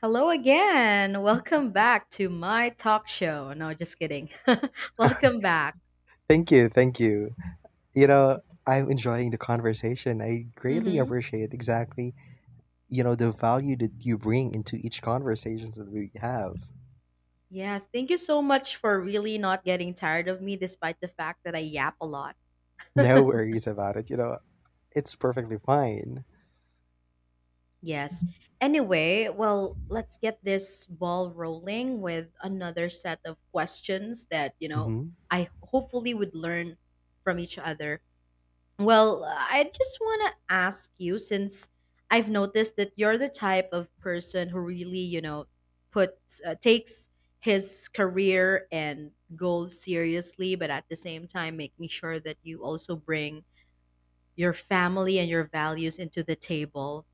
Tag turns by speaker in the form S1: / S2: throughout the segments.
S1: Hello again. Welcome back to my talk show. No, just kidding. Welcome back.
S2: Thank you, thank you. You know, I'm enjoying the conversation. I greatly
S1: hmm
S2: appreciate exactly, the value that you bring into each conversations that we have.
S1: Yes, thank you so much for really not getting tired of me despite the fact that I yap a lot.
S2: No worries about it. It's perfectly fine.
S1: Yes. Anyway, well, let's get this ball rolling with another set of questions that,
S2: Mm-hmm.
S1: I hopefully would learn from each other. Well, I just want to ask you, since I've noticed that you're the type of person who really, you know, puts takes his career and goals seriously, but at the same time making sure that you also bring your family and your values into the table.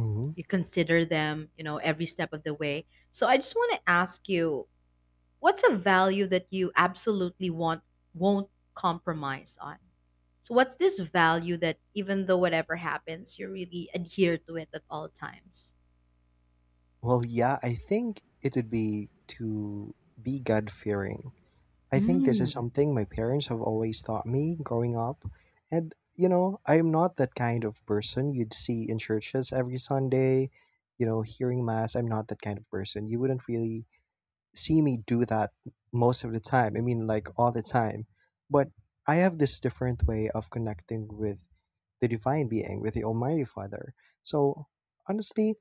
S2: Mm-hmm.
S1: You consider them, you know, every step of the way. So I just want to ask you, what's a value that you absolutely want won't compromise on? So what's this value that even though whatever happens, you really adhere to it at all times?
S2: Well, yeah, I think it would be to be God fearing. I think this is
S1: Mm.
S2: something my parents have always taught me growing up. And, you know, I am not that kind of person you'd see in churches every Sunday, you know, hearing Mass. I'm not that kind of person. You wouldn't really see me do that most of the time. I mean, like all the time. But I have this different way of connecting with the divine being, with the Almighty Father. So, honestly,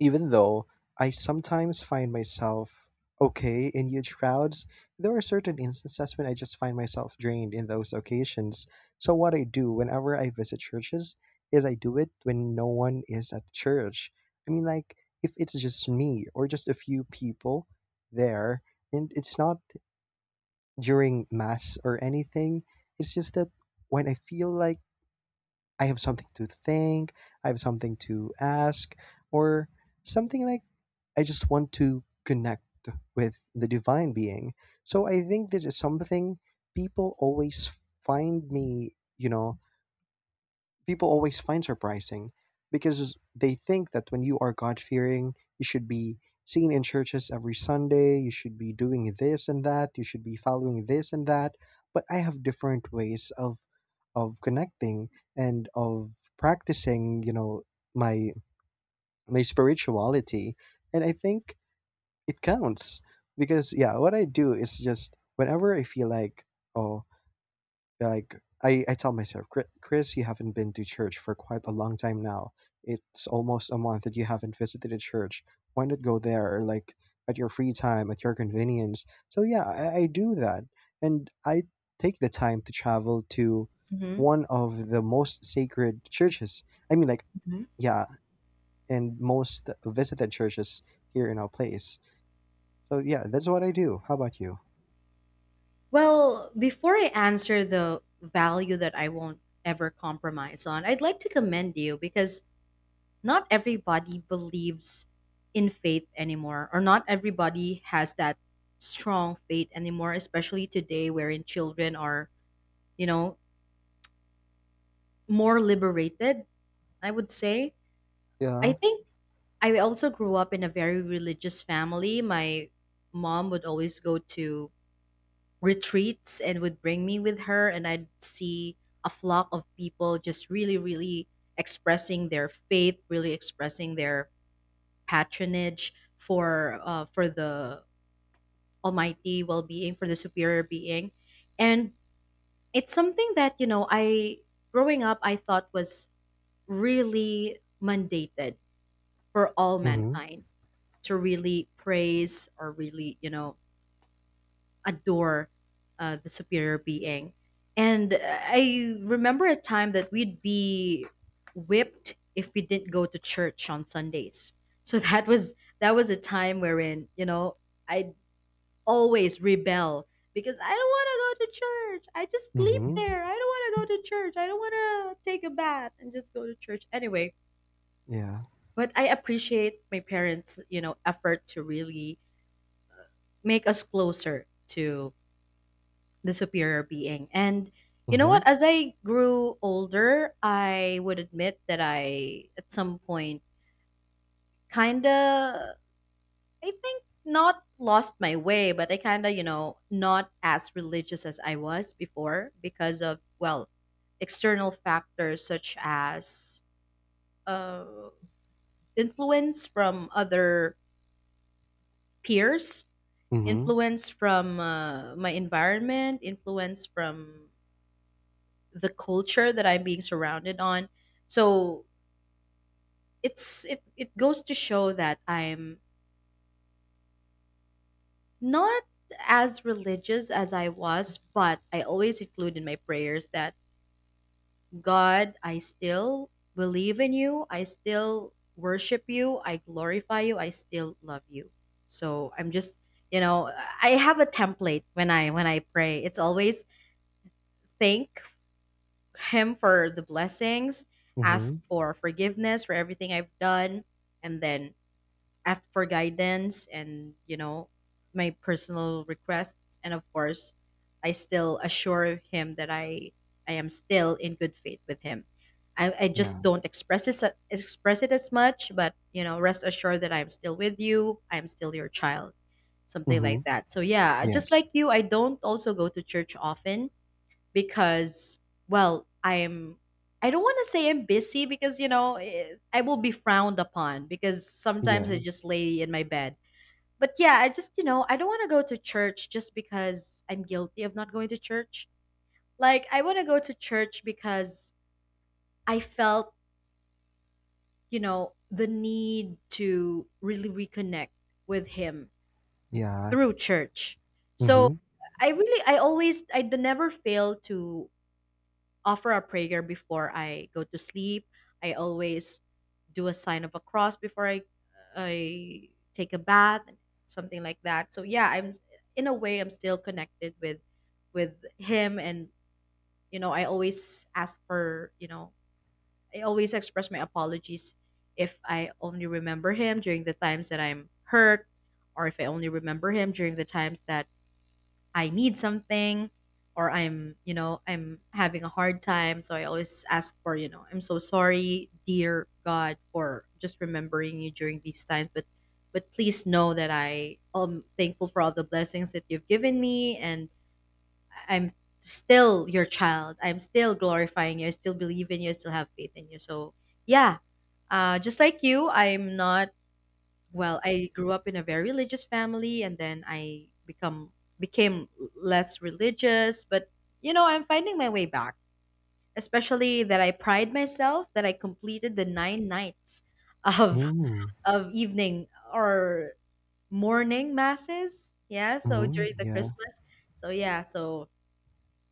S2: even though I sometimes find myself okay in huge crowds, there are certain instances when I just find myself drained in those occasions. So, what I do whenever I visit churches is I do it when no one is at church. I mean, like, if it's just me or just a few people there, and it's not during mass or anything, it's just that when I feel like I have something to think, I have something to ask, or something like I just want to connect with the divine being. So I think this is something people always find me, you know, people always find surprising because they think that when you are God fearing, you should be seen in churches every Sunday, you should be doing this and that, you should be following this and that. But I have different ways of connecting and of practicing, you know, my my spirituality. And I think it counts because yeah, what I do is just whenever I feel like, oh, like I tell myself, "Chris, you haven't been to church for quite a long time now. It's almost a month that you haven't visited a church. Why not go there, like at your free time, at your convenience?" So yeah, I do that, and I take the time to travel to
S1: Mhm,
S2: one of the most sacred churches. I mean, like
S1: mhm.
S2: yeah, and most visited churches here in our place. So yeah, that's what I do. How about you?
S1: Well, before I answer the value that I won't ever compromise on, I'd like to commend you because not everybody believes in faith anymore, or not everybody has that strong faith anymore, especially today wherein children are, you know, more liberated, I would say. I
S2: Yeah.
S1: think I also grew up in a very religious family. My mom would always go to retreats and would bring me with her, and I'd see a flock of people just really, really expressing their faith, really expressing their patronage for the almighty well-being, for the superior being. And it's something that, you know, I growing up I thought was really mandated for all
S2: Mm-hmm.
S1: mankind to really praise or really, you know, adore the superior being, and I remember a time that we'd be whipped if we didn't go to church on sundays, so that was, that was a time wherein, you know, I'd always rebel because I don't want to go to church, I just sleep
S2: Mm-hmm.
S1: there, I don't want to go to church, I don't want to take a bath and just go to church anyway.
S2: Yeah.
S1: But I appreciate my parents, you know, effort to really make us closer to the superior being. And you know what?
S2: Mm-hmm.
S1: As I grew older, I would admit that I, at some point, kind of, I think, not lost my way, but I kind of, you know, not as religious as I was before because of, well, external factors such as, uh, influence from other peers,
S2: Mm-hmm.
S1: influence from my environment, influence from the culture that I'm being surrounded on. So it goes to show that I'm not as religious as I was, but I always include in my prayers that God, I still believe in you, I still worship you, I glorify you, I still love you. So I'm just, you know, I have a template when I pray. It's always think Him for the blessings, ask for forgiveness for everything I've done, and then ask for guidance and, you know, my personal requests. And of course, I still assure him that I am still in good faith with him. I just
S2: Yeah.
S1: don't express it as much, but you know, rest assured that I'm still with you. I'm still your child, something like
S2: Mhm.
S1: that. So yeah, just
S2: Yes.
S1: like you, I don't also go to church often because, well i'm I don't want to say I'm busy, because, you know, I will be frowned upon because sometimes I
S2: Yes.
S1: just lay in my bed. But yeah, I just, you know, I don't want to go to church just because I'm guilty of not going to church. Like I want to go to church because I felt, you know, the need to really reconnect with him
S2: Yeah.
S1: through church. So
S2: Mhm.
S1: I really I always I d- never fail to offer a prayer before I go to sleep. I always do a sign of a cross before I take a bath, something like that. So yeah, I'm, in a way I'm still connected with him, and you know, I always ask for, you know, I always express my apologies if I only remember him during the times that I'm hurt, or if I only remember him during the times that I need something, or I'm, you know, I'm having a hard time. So I always ask for, you know, I'm so sorry, dear God, for just remembering you during these times. But please know that I am thankful for all the blessings that you've given me, and I'm still your child. I'm still glorifying you. I still believe in you. I still have faith in you. So yeah, just like you, I'm not well, I grew up in a very religious family, and then I become became less religious, but you know, I'm finding my way back, especially that I pride myself that I completed the nine nights of
S2: Mm.
S1: of evening or morning masses, yeah, so
S2: Mhm.
S1: during the
S2: Yeah.
S1: christmas. So yeah, so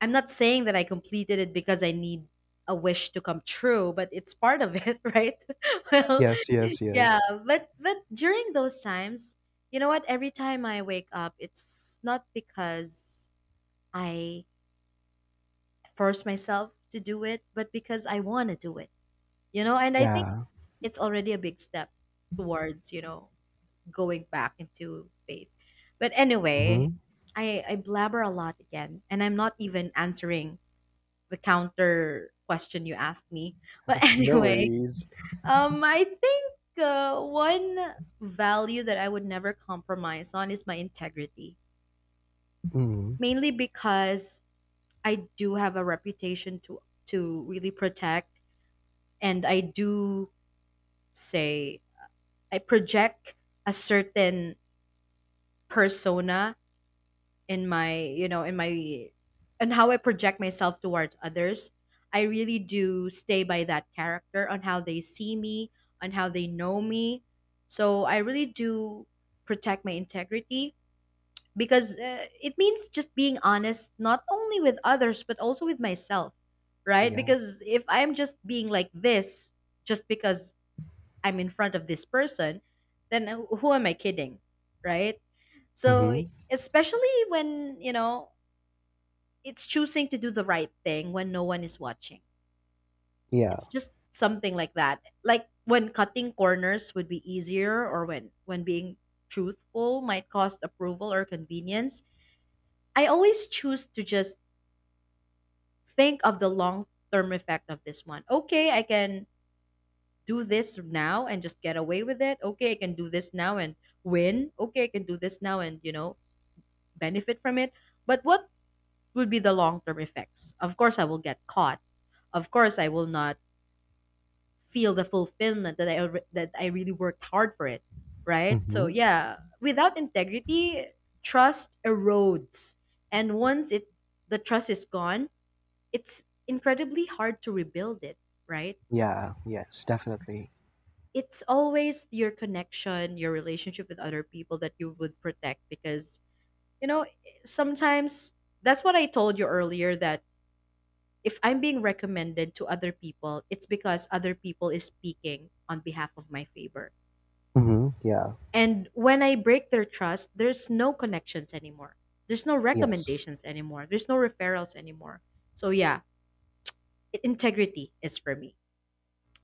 S1: I'm not saying that I completed it because I need a wish to come true, but it's part of it, right? Well,
S2: Yes, yes,
S1: yeah,
S2: yes.
S1: but during those times, you know what? Every time I wake up, it's not because I force myself to do it, but because I want to do it. You know, and I think
S2: Yeah.
S1: it's already a big step towards, you know, going back into faith. But anyway,
S2: Mhm.
S1: I blabber a lot again, and I'm not even answering the counter question you asked me. But
S2: No
S1: anyway,
S2: worries.
S1: I think one value that I would never compromise on is my integrity,
S2: Mhm.
S1: mainly because I do have a reputation to really protect, and I do say I project a certain persona in my, you know, in my, and how I project myself towards others, I really do stay by that character on how they see me, on how they know me. So I really do protect my integrity because, it means just being honest not only with others but also with myself, right?
S2: Yeah.
S1: Because if I'm just being like this just because I'm in front of this person, then who am I kidding, right? So,
S2: Mhm.
S1: especially when, you know, it's choosing to do the right thing when no one is watching.
S2: Yeah.
S1: It's just something like that. Like when cutting corners would be easier, or when being truthful might cost approval or convenience. I always choose to just think of the long-term effect of this one. Okay, I can do this now and just get away with it. Okay, I can do this now and win. Okay, I can do this now and, you know, benefit from it. But what would be the long-term effects? Of course I will get caught. Of course I will not feel the fulfillment that that I really worked hard for it, right? So
S2: Mhm.
S1: yeah, without integrity, trust erodes, and once it the trust is gone, it's incredibly hard to rebuild it, right?
S2: Yeah. Yes, definitely.
S1: It's always your connection, your relationship with other people that you would protect because, you know, sometimes, that's what I told you earlier, that if I'm being recommended to other people, it's because other people is speaking on behalf of my favor.
S2: Mhm. Yeah.
S1: And when I break their trust, there's no connections anymore. There's no
S2: Yes.
S1: recommendations anymore. There's no referrals anymore. So yeah, integrity is for me.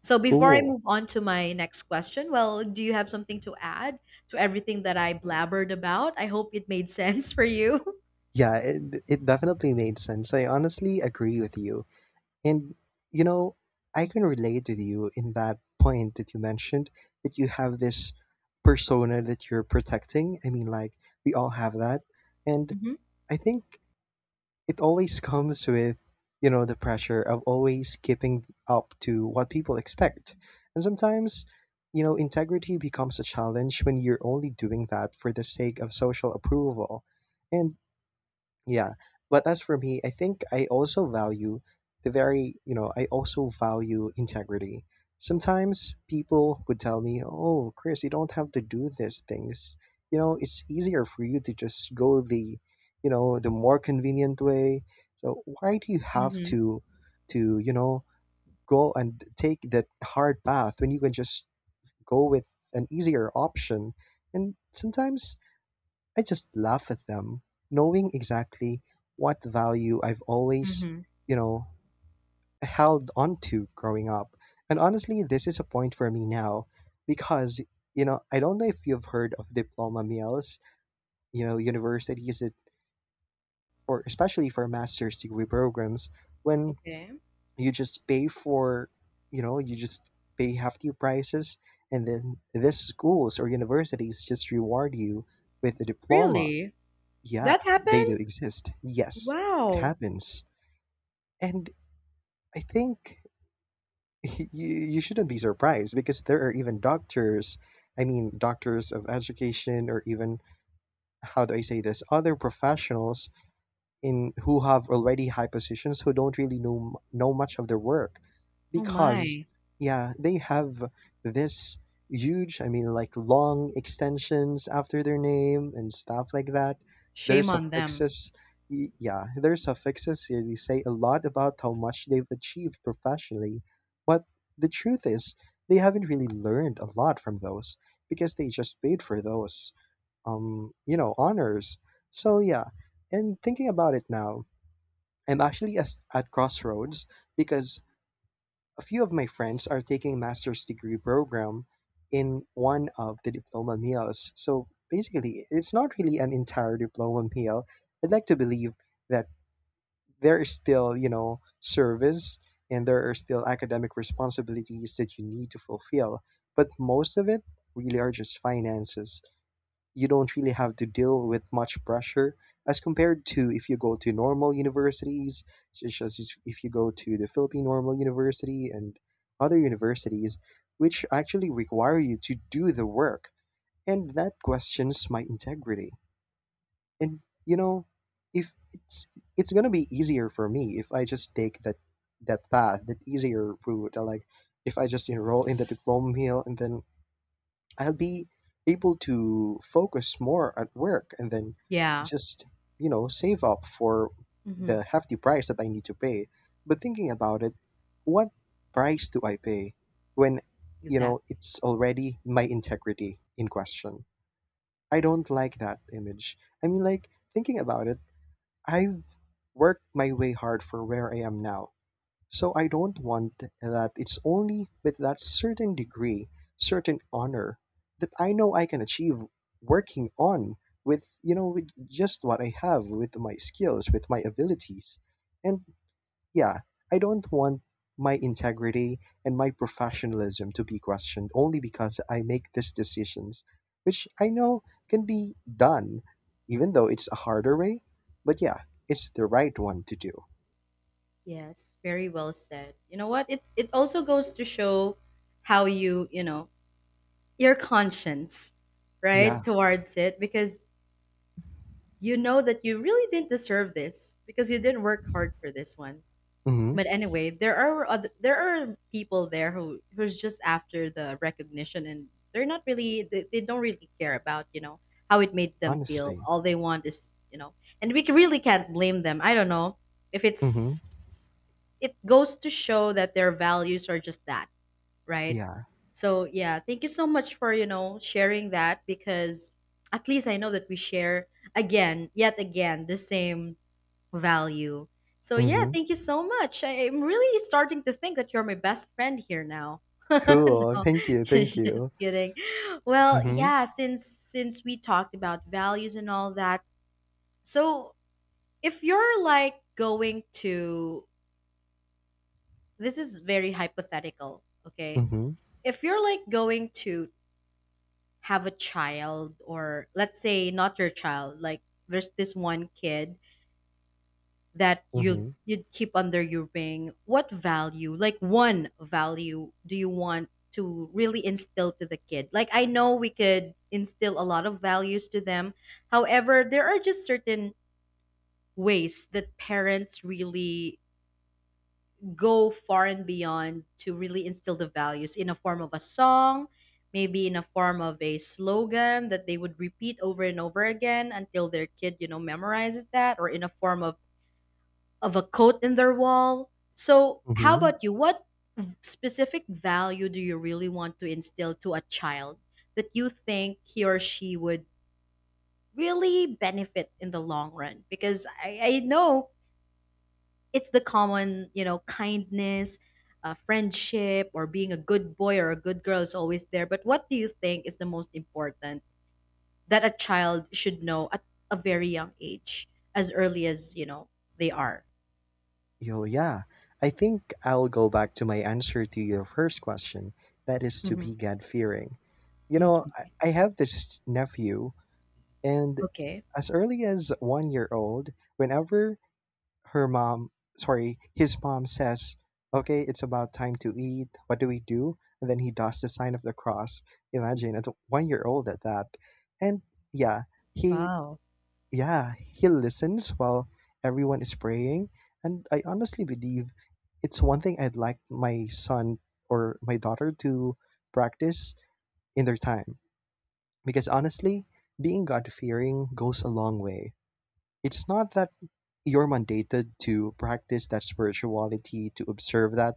S1: So before I
S2: Cool.
S1: move on to my next question, well, do you have something to add to everything that I blabbered about? I hope it made sense for you.
S2: Yeah, it definitely made sense. I honestly agree with you. And you know, I can relate with you in that point that you mentioned that you have this persona that you're protecting. I mean, like we all have that. And
S1: Mm-hmm.
S2: I think it always comes with, you know, the pressure of always keeping up to what people expect. And sometimes, you know, integrity becomes a challenge when you're only doing that for the sake of social approval. And yeah. But as for me, I think I also value the very, you know, I also value integrity. Sometimes people would tell me, "Oh, Chris, you don't have to do these things. You know, it's easier for you to just go the, you know, the more convenient way. So why do you have
S1: Mm-hmm.
S2: to you know, go and take that hard path when you can just go with an easier option?" And sometimes I just laugh at them, knowing exactly what value I've always,
S1: Mm-hmm.
S2: you know, held on to growing up. And honestly, this is a point for me now because, you know, I don't know if you've heard of diploma meals, you know, universities that for especially for master's degree programs when
S1: Okay.
S2: you just pay for, you know, you just pay hefty prices and then these schools or universities just reward you with a diploma.
S1: Really?
S2: Yeah,
S1: That
S2: they do
S1: happens?
S2: exist. Yes, it
S1: Wow.
S2: happens. And I think you shouldn't be surprised because there are even doctors, I mean, doctors of education, or even, how do I say this, other professionals in who have already high positions who don't really know know much of their work
S1: Oh
S2: because
S1: my.
S2: yeah they have this huge I mean like long extensions after their name and stuff like that. Their
S1: Shame on them.
S2: suffixes, yeah their suffixes really say a lot about how much they've achieved professionally, but the truth is they haven't really learned a lot from those because they just paid for those you know, honors. So yeah, and thinking about it now, I'm actually as at crossroads because a few of my friends are taking master's degree program in one of the diploma meals. So basically, it's not really an entire diploma meal. I'd like to believe that there is still, you know, service and there are still academic responsibilities that you need to fulfill, but most of it really are just finances. You don't really have to deal with much pressure as compared to if you go to normal universities, such as if you go to the Philippine Normal University and other universities, which actually require you to do the work. And that questions my integrity. And you know, if it's it's gonna be easier for me if I just take that path, that easier route. I Like if I just enroll in the diploma mill and then I'll be able to focus more at work and then
S1: Yeah.
S2: just, you know, save up for
S1: Mm-hmm.
S2: the hefty price that I need to pay. But thinking about it, what price do I pay when, you know,
S1: Exactly.
S2: it's already my integrity in question? I don't like that image. I mean, like, thinking about it, I've worked my way hard for where I am now. So I don't want that it's only with that certain degree, certain honor that I know I can achieve working on with, you know, with just what I have, with my skills, with my abilities. And yeah, I don't want my integrity and my professionalism to be questioned only because I make these decisions, which I know can be done, even though it's a harder way. But yeah, it's the right one to do.
S1: Yes, very well said. You know what? It also goes to show how you, you know, your conscience, right,
S2: Yeah.
S1: towards it because you know that you really didn't deserve this because you didn't work hard for this one.
S2: Hmm.
S1: But anyway, there are other, there are people there who's just after the recognition, and they're not really, they don't really care about, you know, how it made them feel.
S2: Honestly.
S1: All they want is, you know, and we really can't blame them. I don't know if
S2: Mhm.
S1: it's, it goes to show that their values are just that, right?
S2: Yeah.
S1: So yeah, thank you so much for, you know, sharing that, because at least I know that we share, again, yet again, the same value. So yeah,
S2: Mhm.
S1: thank you so much. I'm really starting to think that you're my best friend here now.
S2: Cool.
S1: No,
S2: Thank you. Thank
S1: just
S2: you.
S1: kidding. Well,
S2: Mhm.
S1: yeah, since we talked about values and all that, so if you're like going to, this is very hypothetical, okay?
S2: Mhm.
S1: If you're like going to have a child, or let's say not your child, like there's this one kid that you'd
S2: Mhm.
S1: you'd keep under your wing, what value, like one value, do you want to really instill to the kid? Like I know we could instill a lot of values to them. However, there are just certain ways that parents really go far and beyond to really instill the values in a form of a song, maybe in a form of a slogan that they would repeat over and over again until their kid, memorizes that or in a form of a coat in their wall. So, how
S2: Mhm.
S1: about you? What specific value do you really want to instill to a child that you think he or she would really benefit in the long run? Because I know it's the common, kindness, friendship, or being a good boy or a good girl is always there. But what do you think is the most important that a child should know at a very young age, as early as, they are?
S2: Yo, yeah. I think I'll go back to my answer to your first question. That is to be
S1: Hmm.
S2: God fearing. You know,
S1: Okay.
S2: I have this nephew, and
S1: Okay.
S2: as early as one year old, whenever her mom, sorry, his mom says, "Okay, it's about time to eat. What do we do?" And then he does the sign of the cross. Imagine, a one year old at that. And yeah, he,
S1: Wow.
S2: yeah, he listens while everyone is praying. And I honestly believe it's one thing I'd like my son or my daughter to practice in their time. Because honestly, being God fearing goes a long way. It's not that you're mandated to practice that spirituality, to observe that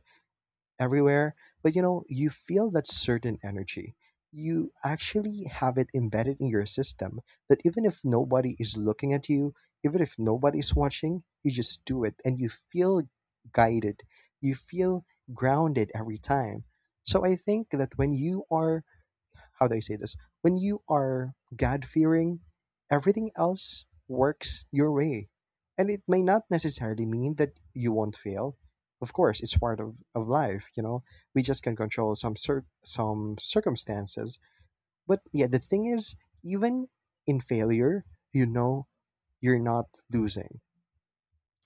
S2: everywhere, but you know, you feel that certain energy. You actually have it embedded in your system that even if nobody is looking at you, even if nobody's watching, you just do it and you feel guided. You feel grounded every time. So I think that when you are, how do I say this? When you are God fearing, everything else works your way. And it may not necessarily mean that you won't fail. Of course, it's part of life, you know. We just can control some some circumstances. But yeah, the thing is, even in failure, you know you're not losing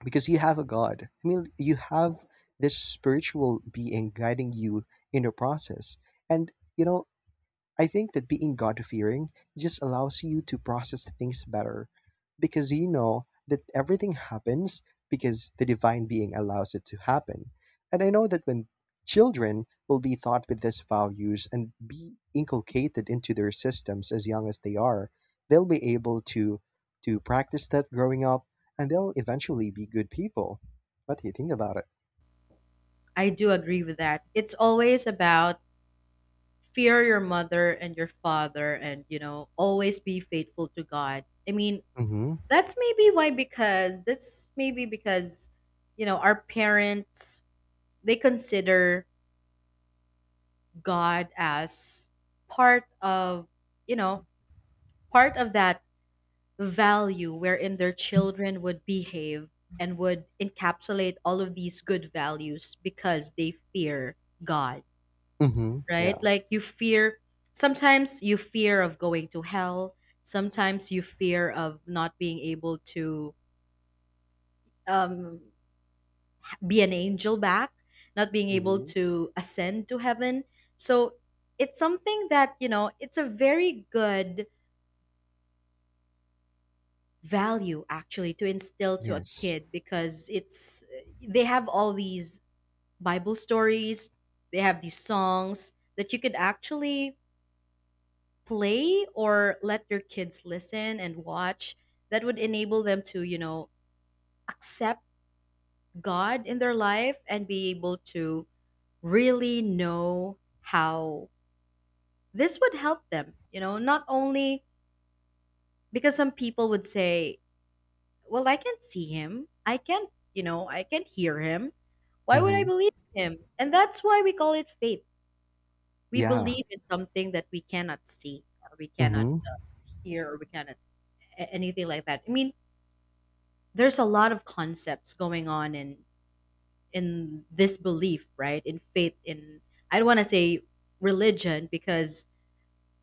S2: because you have a God. I mean, you have this spiritual being guiding you in the process. And you know, I think that being God fearing just allows you to process things better because you know that everything happens because the divine being allows it to happen. And I know that when children will be taught with these values and be inculcated into their systems as young as they are, they'll be able to practice that growing up and they'll eventually be good people. What do you think about it?
S1: I do agree with that. It's always about fear your mother and your father and, you know, always be faithful to God. I mean,
S2: Mhm.
S1: that's maybe why because you know, our parents they consider God as part of, you know, part of that value wherein their children would behave and would encapsulate all of these good values because they fear God,
S2: Mhm.
S1: right?
S2: Yeah.
S1: Like you fear, sometimes you fear of going to hell, sometimes you fear of not being able to um, be an angel back, not being able
S2: Mhm.
S1: to ascend to heaven. So it's something that, you know, it's a very good value actually to instill to a
S2: Yes.
S1: kid because it's they have all these bible stories, they have these songs that you could actually play or let your kids listen and watch that would enable them to, you know, accept God in their life and be able to really know how this would help them, you know, not only because some people would say, well, I can't see him. I can't, you know, I can't hear him. Why would I
S2: Mhm.
S1: believe him? And that's why we call it faith. We
S2: Yeah.
S1: believe in something that we cannot see or we cannot
S2: Mhm.
S1: hear or we cannot anything like that. I mean, there's a lot of concepts going on in this belief, right? In faith, in I don't want to say religion because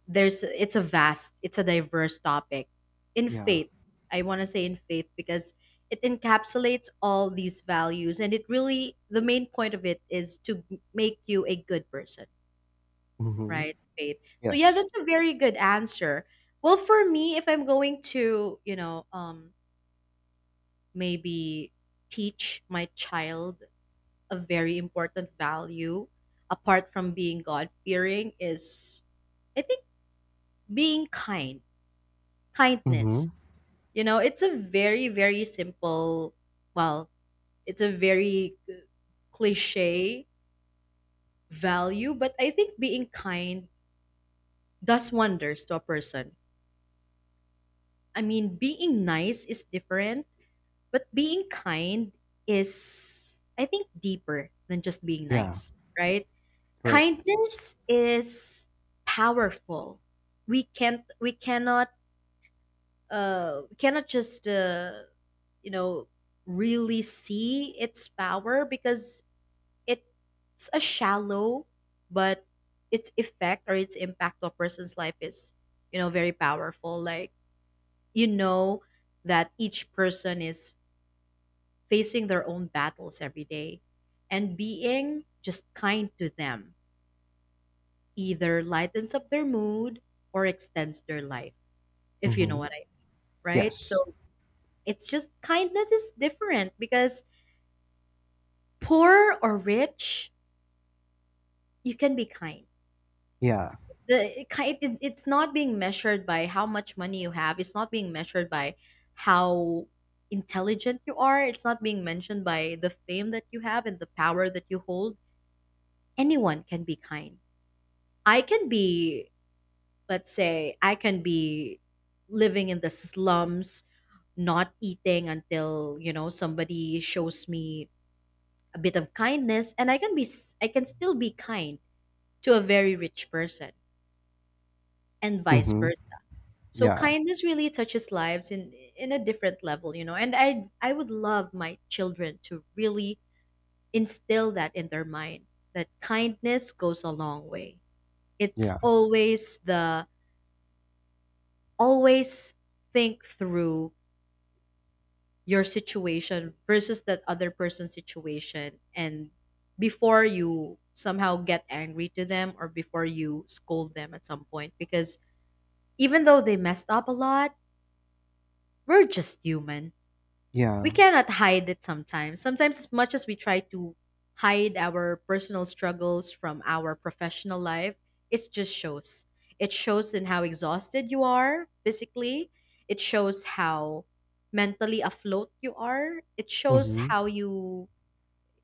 S1: there's it's a vast, it's a diverse topic. In
S2: Yeah.
S1: faith, I want to say in faith because it encapsulates all these values and it really the main point of it is to make you a good person,
S2: Mhm.
S1: right? Faith. So yeah,
S2: Yes.
S1: that's a very good answer. Well, for me, if I'm going to, you know, maybe teach my child a very important value apart from being God fearing is I think being kind,
S2: Mhm.
S1: kindness. You know, it's a very simple, well, it's a very cliche value, but I think being kind does wonders to a person. I mean, being nice is different, but being kind is I think deeper than just being
S2: Yeah.
S1: nice, right?
S2: Right. Yes.
S1: Kindness is powerful. We can't. We cannot. We cannot just. You know, really see its power because it's a shallow, but its effect or its impact to a person's life is, you know, very powerful. Like you know that each person is facing their own battles every day, and being just kind to them either lightens up their mood or extends their life, if you know
S2: Mhm.
S1: what I, right?
S2: Yes.
S1: So it's just kindness is different because poor or rich, you can be kind.
S2: Yeah.
S1: It's not being measured by how much money you have. It's not being measured by how intelligent you are. It's not being mentioned by the fame that you have and the power that you hold. Anyone can be kind. I can be, let's say, I can be living in the slums, not eating until you know somebody shows me a bit of kindness, and I can still be kind to a very rich person and vice
S2: Mhm.
S1: versa. So
S2: Yeah.
S1: kindness really touches lives in a different level, you know, and I would love my children to really instill that in their mind, that kindness goes a long way. It's
S2: Yeah.
S1: always the always think through your situation versus that other person's situation, and before you somehow get angry to them or before you scold them at some point, because even though they messed up a lot, we're just human. We
S2: Yeah.
S1: cannot hide it sometimes. Sometimes, as much as we try to hide our personal struggles from our professional life, it just shows. It shows in how exhausted you are physically, it shows how mentally afloat you are, it shows
S2: Mhm.
S1: how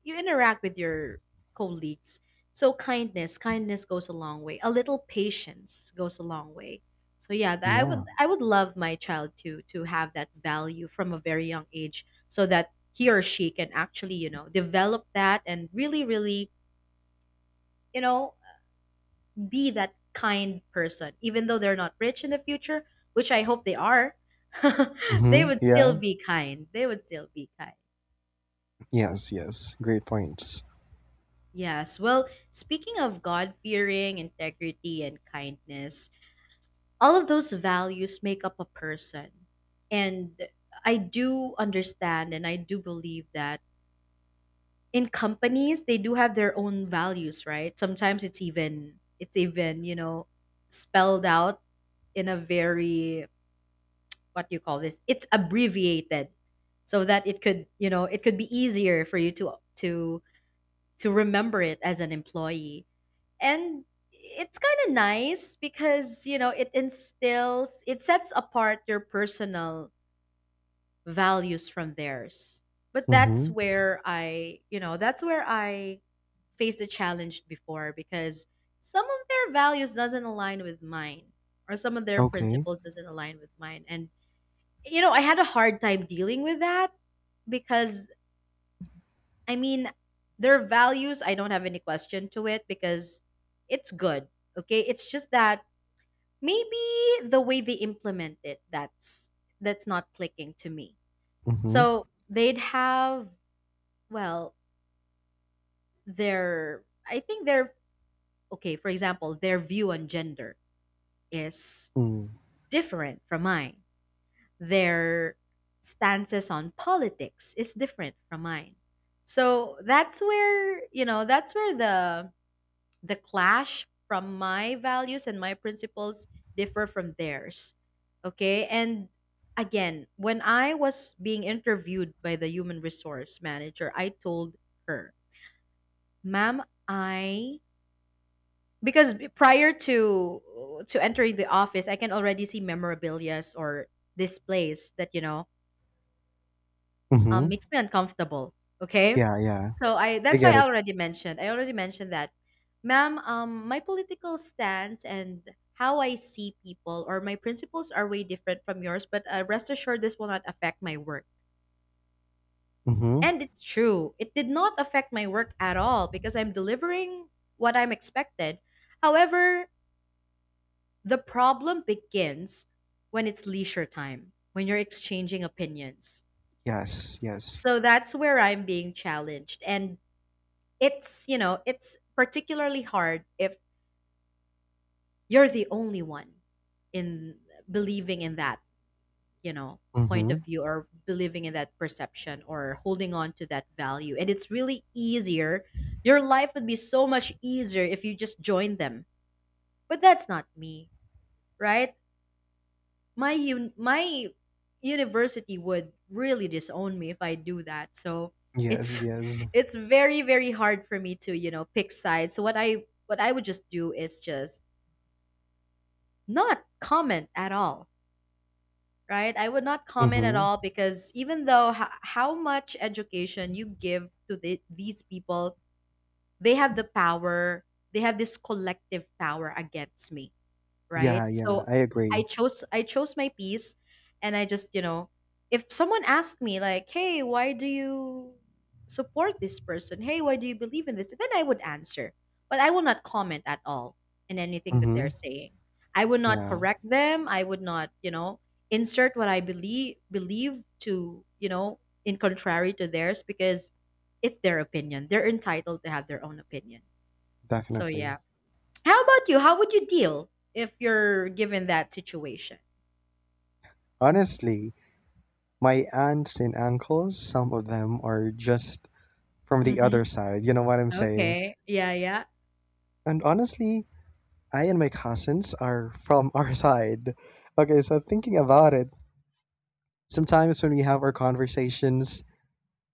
S1: you interact with your colleagues. So kindness goes a long way. A little patience goes a long way. So yeah, that
S2: Yeah.
S1: I would love my child to have that value from a very young age so that he or she can actually, you know, develop that and you know, be that kind person even though they're not rich in the future, which I hope they are. They
S2: Mhm.
S1: would still
S2: Yeah.
S1: be kind. They would still be kind.
S2: Yes. Yes. Great points.
S1: Yes. Well, speaking of God fearing, integrity, and kindness, all of those values make up a person. And I do understand and I do believe that in companies they do have their own values, right? Sometimes it's even, you know, spelled out in a very what do you call this? It's abbreviated so that it could, you know, it could be easier for you to to remember it as an employee, and it's kind of nice because you know it instills, it sets apart your personal values from theirs. But that's
S2: Mhm.
S1: where I that's where I faced a challenge before because some of their values doesn't align with mine, or some of their
S2: Okay.
S1: principles doesn't align with mine. And you know I had a hard time dealing with that because I mean their values I don't have any question to it because it's good, okay, it's just that maybe the way they implement it, that's not clicking to me.
S2: Mhm.
S1: So they'd have, well, their I think their okay, for example, their view on gender is
S2: Mm.
S1: different from mine. Their stances on politics is different from mine. So that's where, you know, that's where the clash from my values and my principles differ from theirs. Okay. And again, when I was being interviewed by the human resource manager, I told her, ma'am, I, because prior to entering the office, I can already see memorabilias or displays that you know
S2: Mhm.
S1: makes me uncomfortable. Okay,
S2: Yeah. Yeah.
S1: so I
S2: I
S1: that's why
S2: get
S1: I
S2: it.
S1: already mentioned. I already mentioned that, ma'am. My political stance and how I see people or my principles are way different from yours. But rest assured, this will not affect my work.
S2: Mhm.
S1: And it's true. It did not affect my work at all because I'm delivering what I'm expected. However, the problem begins when it's leisure time, when you're exchanging opinions.
S2: Yes, yes.
S1: So that's where I'm being challenged. And it's you know it's particularly hard if you're the only one in believing in that, you know, point
S2: Mm-hmm.
S1: of view or believing in that perception or holding on to that value. And it's really easier, your life would be so much easier if you just joined them, but that's not me, right? My university would really disown me if I do that. So
S2: Yes,
S1: it's
S2: yes.
S1: it's very hard for me to you know pick sides. So what I would just do is just not comment at all. Right? I would not comment at
S2: Mm-hmm.
S1: all because even though how much education you give to these people, they have the power. They have this collective power against me, right?
S2: Yeah, yeah,
S1: So
S2: I agree.
S1: I chose my piece, and I just, you know, if someone asked me like, "Hey, why do you support this person? Hey, why do you believe in this?" Then I would answer, but I will not comment at all in anything that they're
S2: Mm-hmm.
S1: saying. I would not
S2: Yeah,
S1: correct them. I would not, you know, insert what I believe believe to, you know, in contrary to theirs because it's their opinion. They're entitled to have their own opinion. So
S2: definitely.
S1: yeah. How about you? How would you deal if you're given that situation?
S2: Honestly, my aunts and uncles, some of them are just from the
S1: Mm-hmm.
S2: other side. You know what I'm saying?
S1: Okay. Yeah, yeah.
S2: And honestly, I and my cousins are from our side. Okay, so thinking about it, sometimes when we have our conversations,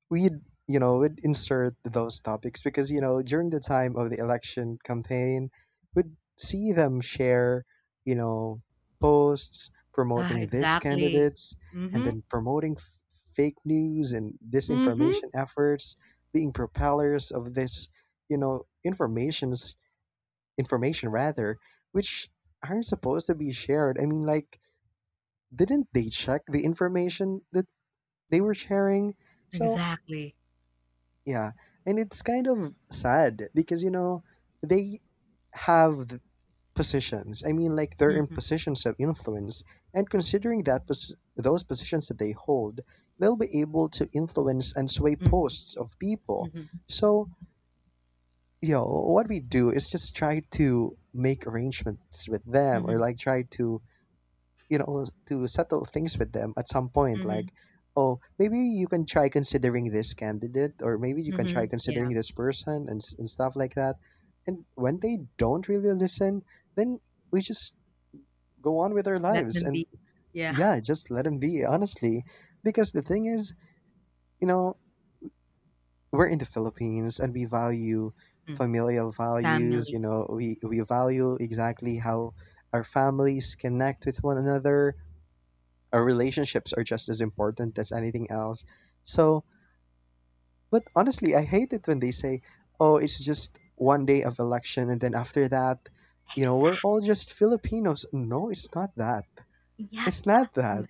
S2: we'd you know we'd insert those topics because during the time of the election campaign we'd see them share, you know posts
S1: Ah,
S2: promoting these
S1: exactly.
S2: candidates and
S1: Mm-hmm.
S2: then promoting fake news and
S1: Mm-hmm.
S2: disinformation efforts, being propellers of this, you know, information's information rather, which aren't supposed to be shared. I mean, like didn't they check the information that they were sharing? So
S1: Exactly.
S2: yeah, and it's kind of sad because you know they have the positions. I mean, like they're in
S1: Mm-hmm.
S2: positions of influence, and considering that those positions that they hold, they'll be able to influence and sway
S1: Mm-hmm.
S2: posts of people.
S1: Mm-hmm.
S2: So, you know, what we do is just try to make arrangements with them, or
S1: Mm-hmm.
S2: like try to, to settle things with them at some point
S1: Mm-hmm.
S2: like, oh maybe you can try considering this candidate or maybe you can try
S1: Mm-hmm. Yeah.
S2: considering this person, and, and stuff like that, and when they don't really listen then we just go on with our
S1: Let
S2: lives
S1: them
S2: and
S1: be. Yeah.
S2: yeah just let them be honestly, because the thing is, you know we're in the Philippines and we value
S1: Mm.
S2: familial values. You
S1: Family. Yeah.
S2: know we value exactly how our families connect with one another. Our relationships are just as important as anything else. So, but honestly, I hate it when they say, "Oh, it's just one day of election and then after that, you know, we're
S1: Exactly.
S2: all just Filipinos." No, it's not that.
S1: Yep.
S2: It's not
S1: Oh
S2: that.
S1: my-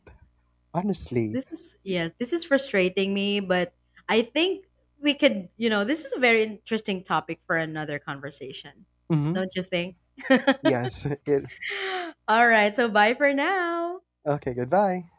S2: Honestly.
S1: This is yeah, this is frustrating me, but I think we could, you know, this is a very interesting topic for another conversation.
S2: Mhm.
S1: Don't you think?
S2: Yes. It,
S1: All right. So bye for now.
S2: okay, goodbye.